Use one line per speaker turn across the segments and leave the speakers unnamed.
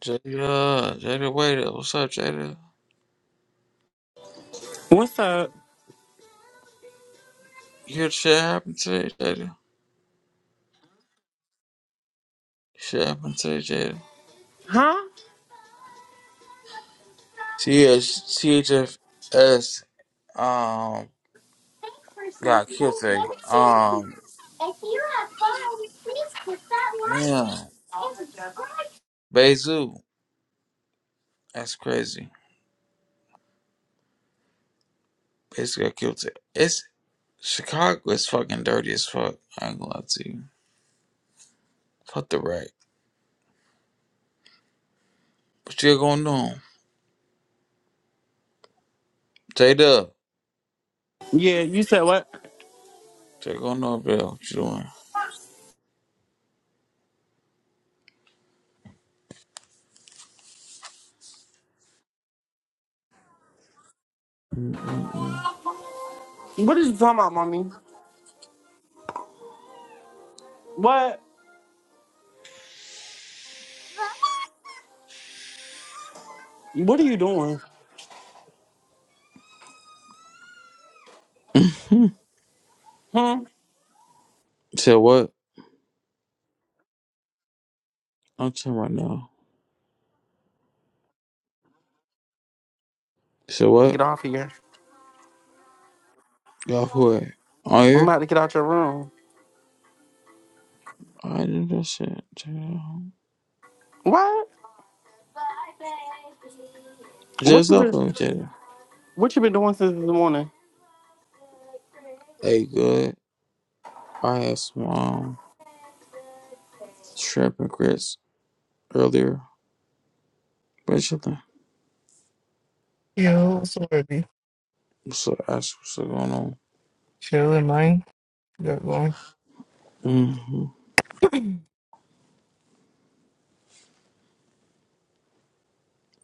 Jada, Jada, wait What's up, Jada?
What's up?
You heard shit happen today, Jada? Shit happened today, Jada.
Huh?
CH, CHFS, um, got killed today. Um, yeah. Bezu. That's crazy. Bezu got killed today. It's, Chicago is fucking dirty as fuck. I ain't gonna lie to you. Fuck the rack. What you gonna do? Jada.
Yeah, you said what?
Jada gonna know, bro. What you doing? Mm-mm-mm.
What are you talking about, mommy? What? What are you doing? Hmm?
Said what? I'm talking right now. Said what?
Get off here.
you who it? On
I'm
here?
about to get out your room.
I did that shit. child.
What? What
Just
you been
uploaded it.
what you been doing since this morning?
Hey, good. I had some um, shrimp and grits earlier. But you think?
Yo, what's up, baby?
So that's what's going on.
Chilling, man. You got going?
Mm-hmm.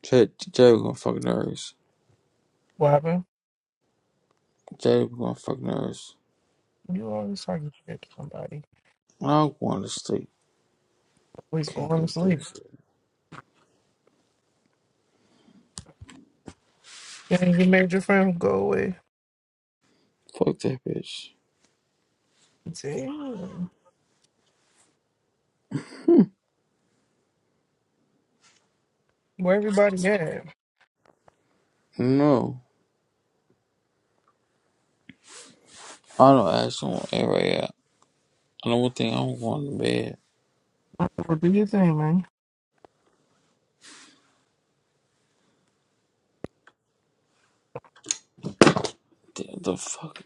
Jay, Jay was gonna fuck nerds.
What happened?
Jay was gonna fuck nerds.
You always talking shit to somebody.
I want to sleep.
Always
Can't
going to
do
sleep.
this.
Then you made your friend go away.
Fuck that bitch.
Damn. Where everybody at?
No. I don't actually want anyway. Yeah. I don't think I don't want to bed.
Well, do your thing, man.
The, the fuck?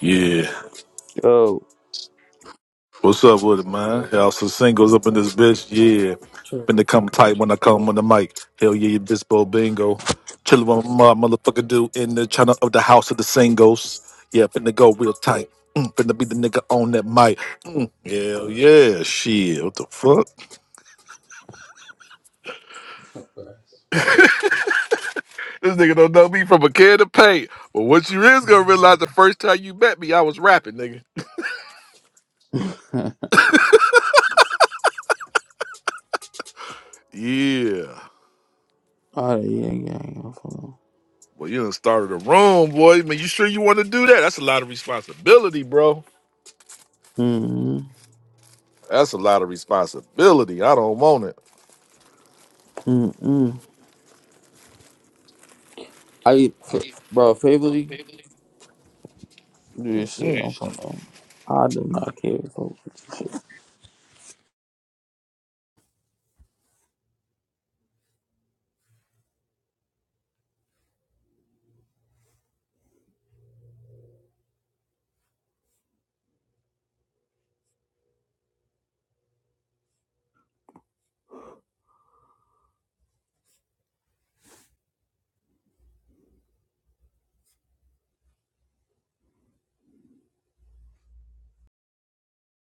Yeah.
Yo.
What's up with it, man? Y'all some singles up in this bitch. Yeah. Been to
True.
come tight when I come on the mic. Hell yeah, you bispo bingo. Chillin' with my motherfucker dude in the channel of the house of the singles. Yeah, finna go real tight. Mm, finna be the nigga on that mic. Mm, hell yeah, shit. What the fuck? This nigga don't know me from a can of paint. But what you is gonna realize the first time you met me, I was rapping, nigga. Yeah.
All right, yeah, yeah, yeah.
Well, you done started a room, boy. Man, you sure you want to do that? That's a lot of responsibility, bro.
Mm,
That's a lot of responsibility. I don't want
mm, mm. I, f- bro, favorably do this shit. I'm
it.
from, um, I do not care. Bro.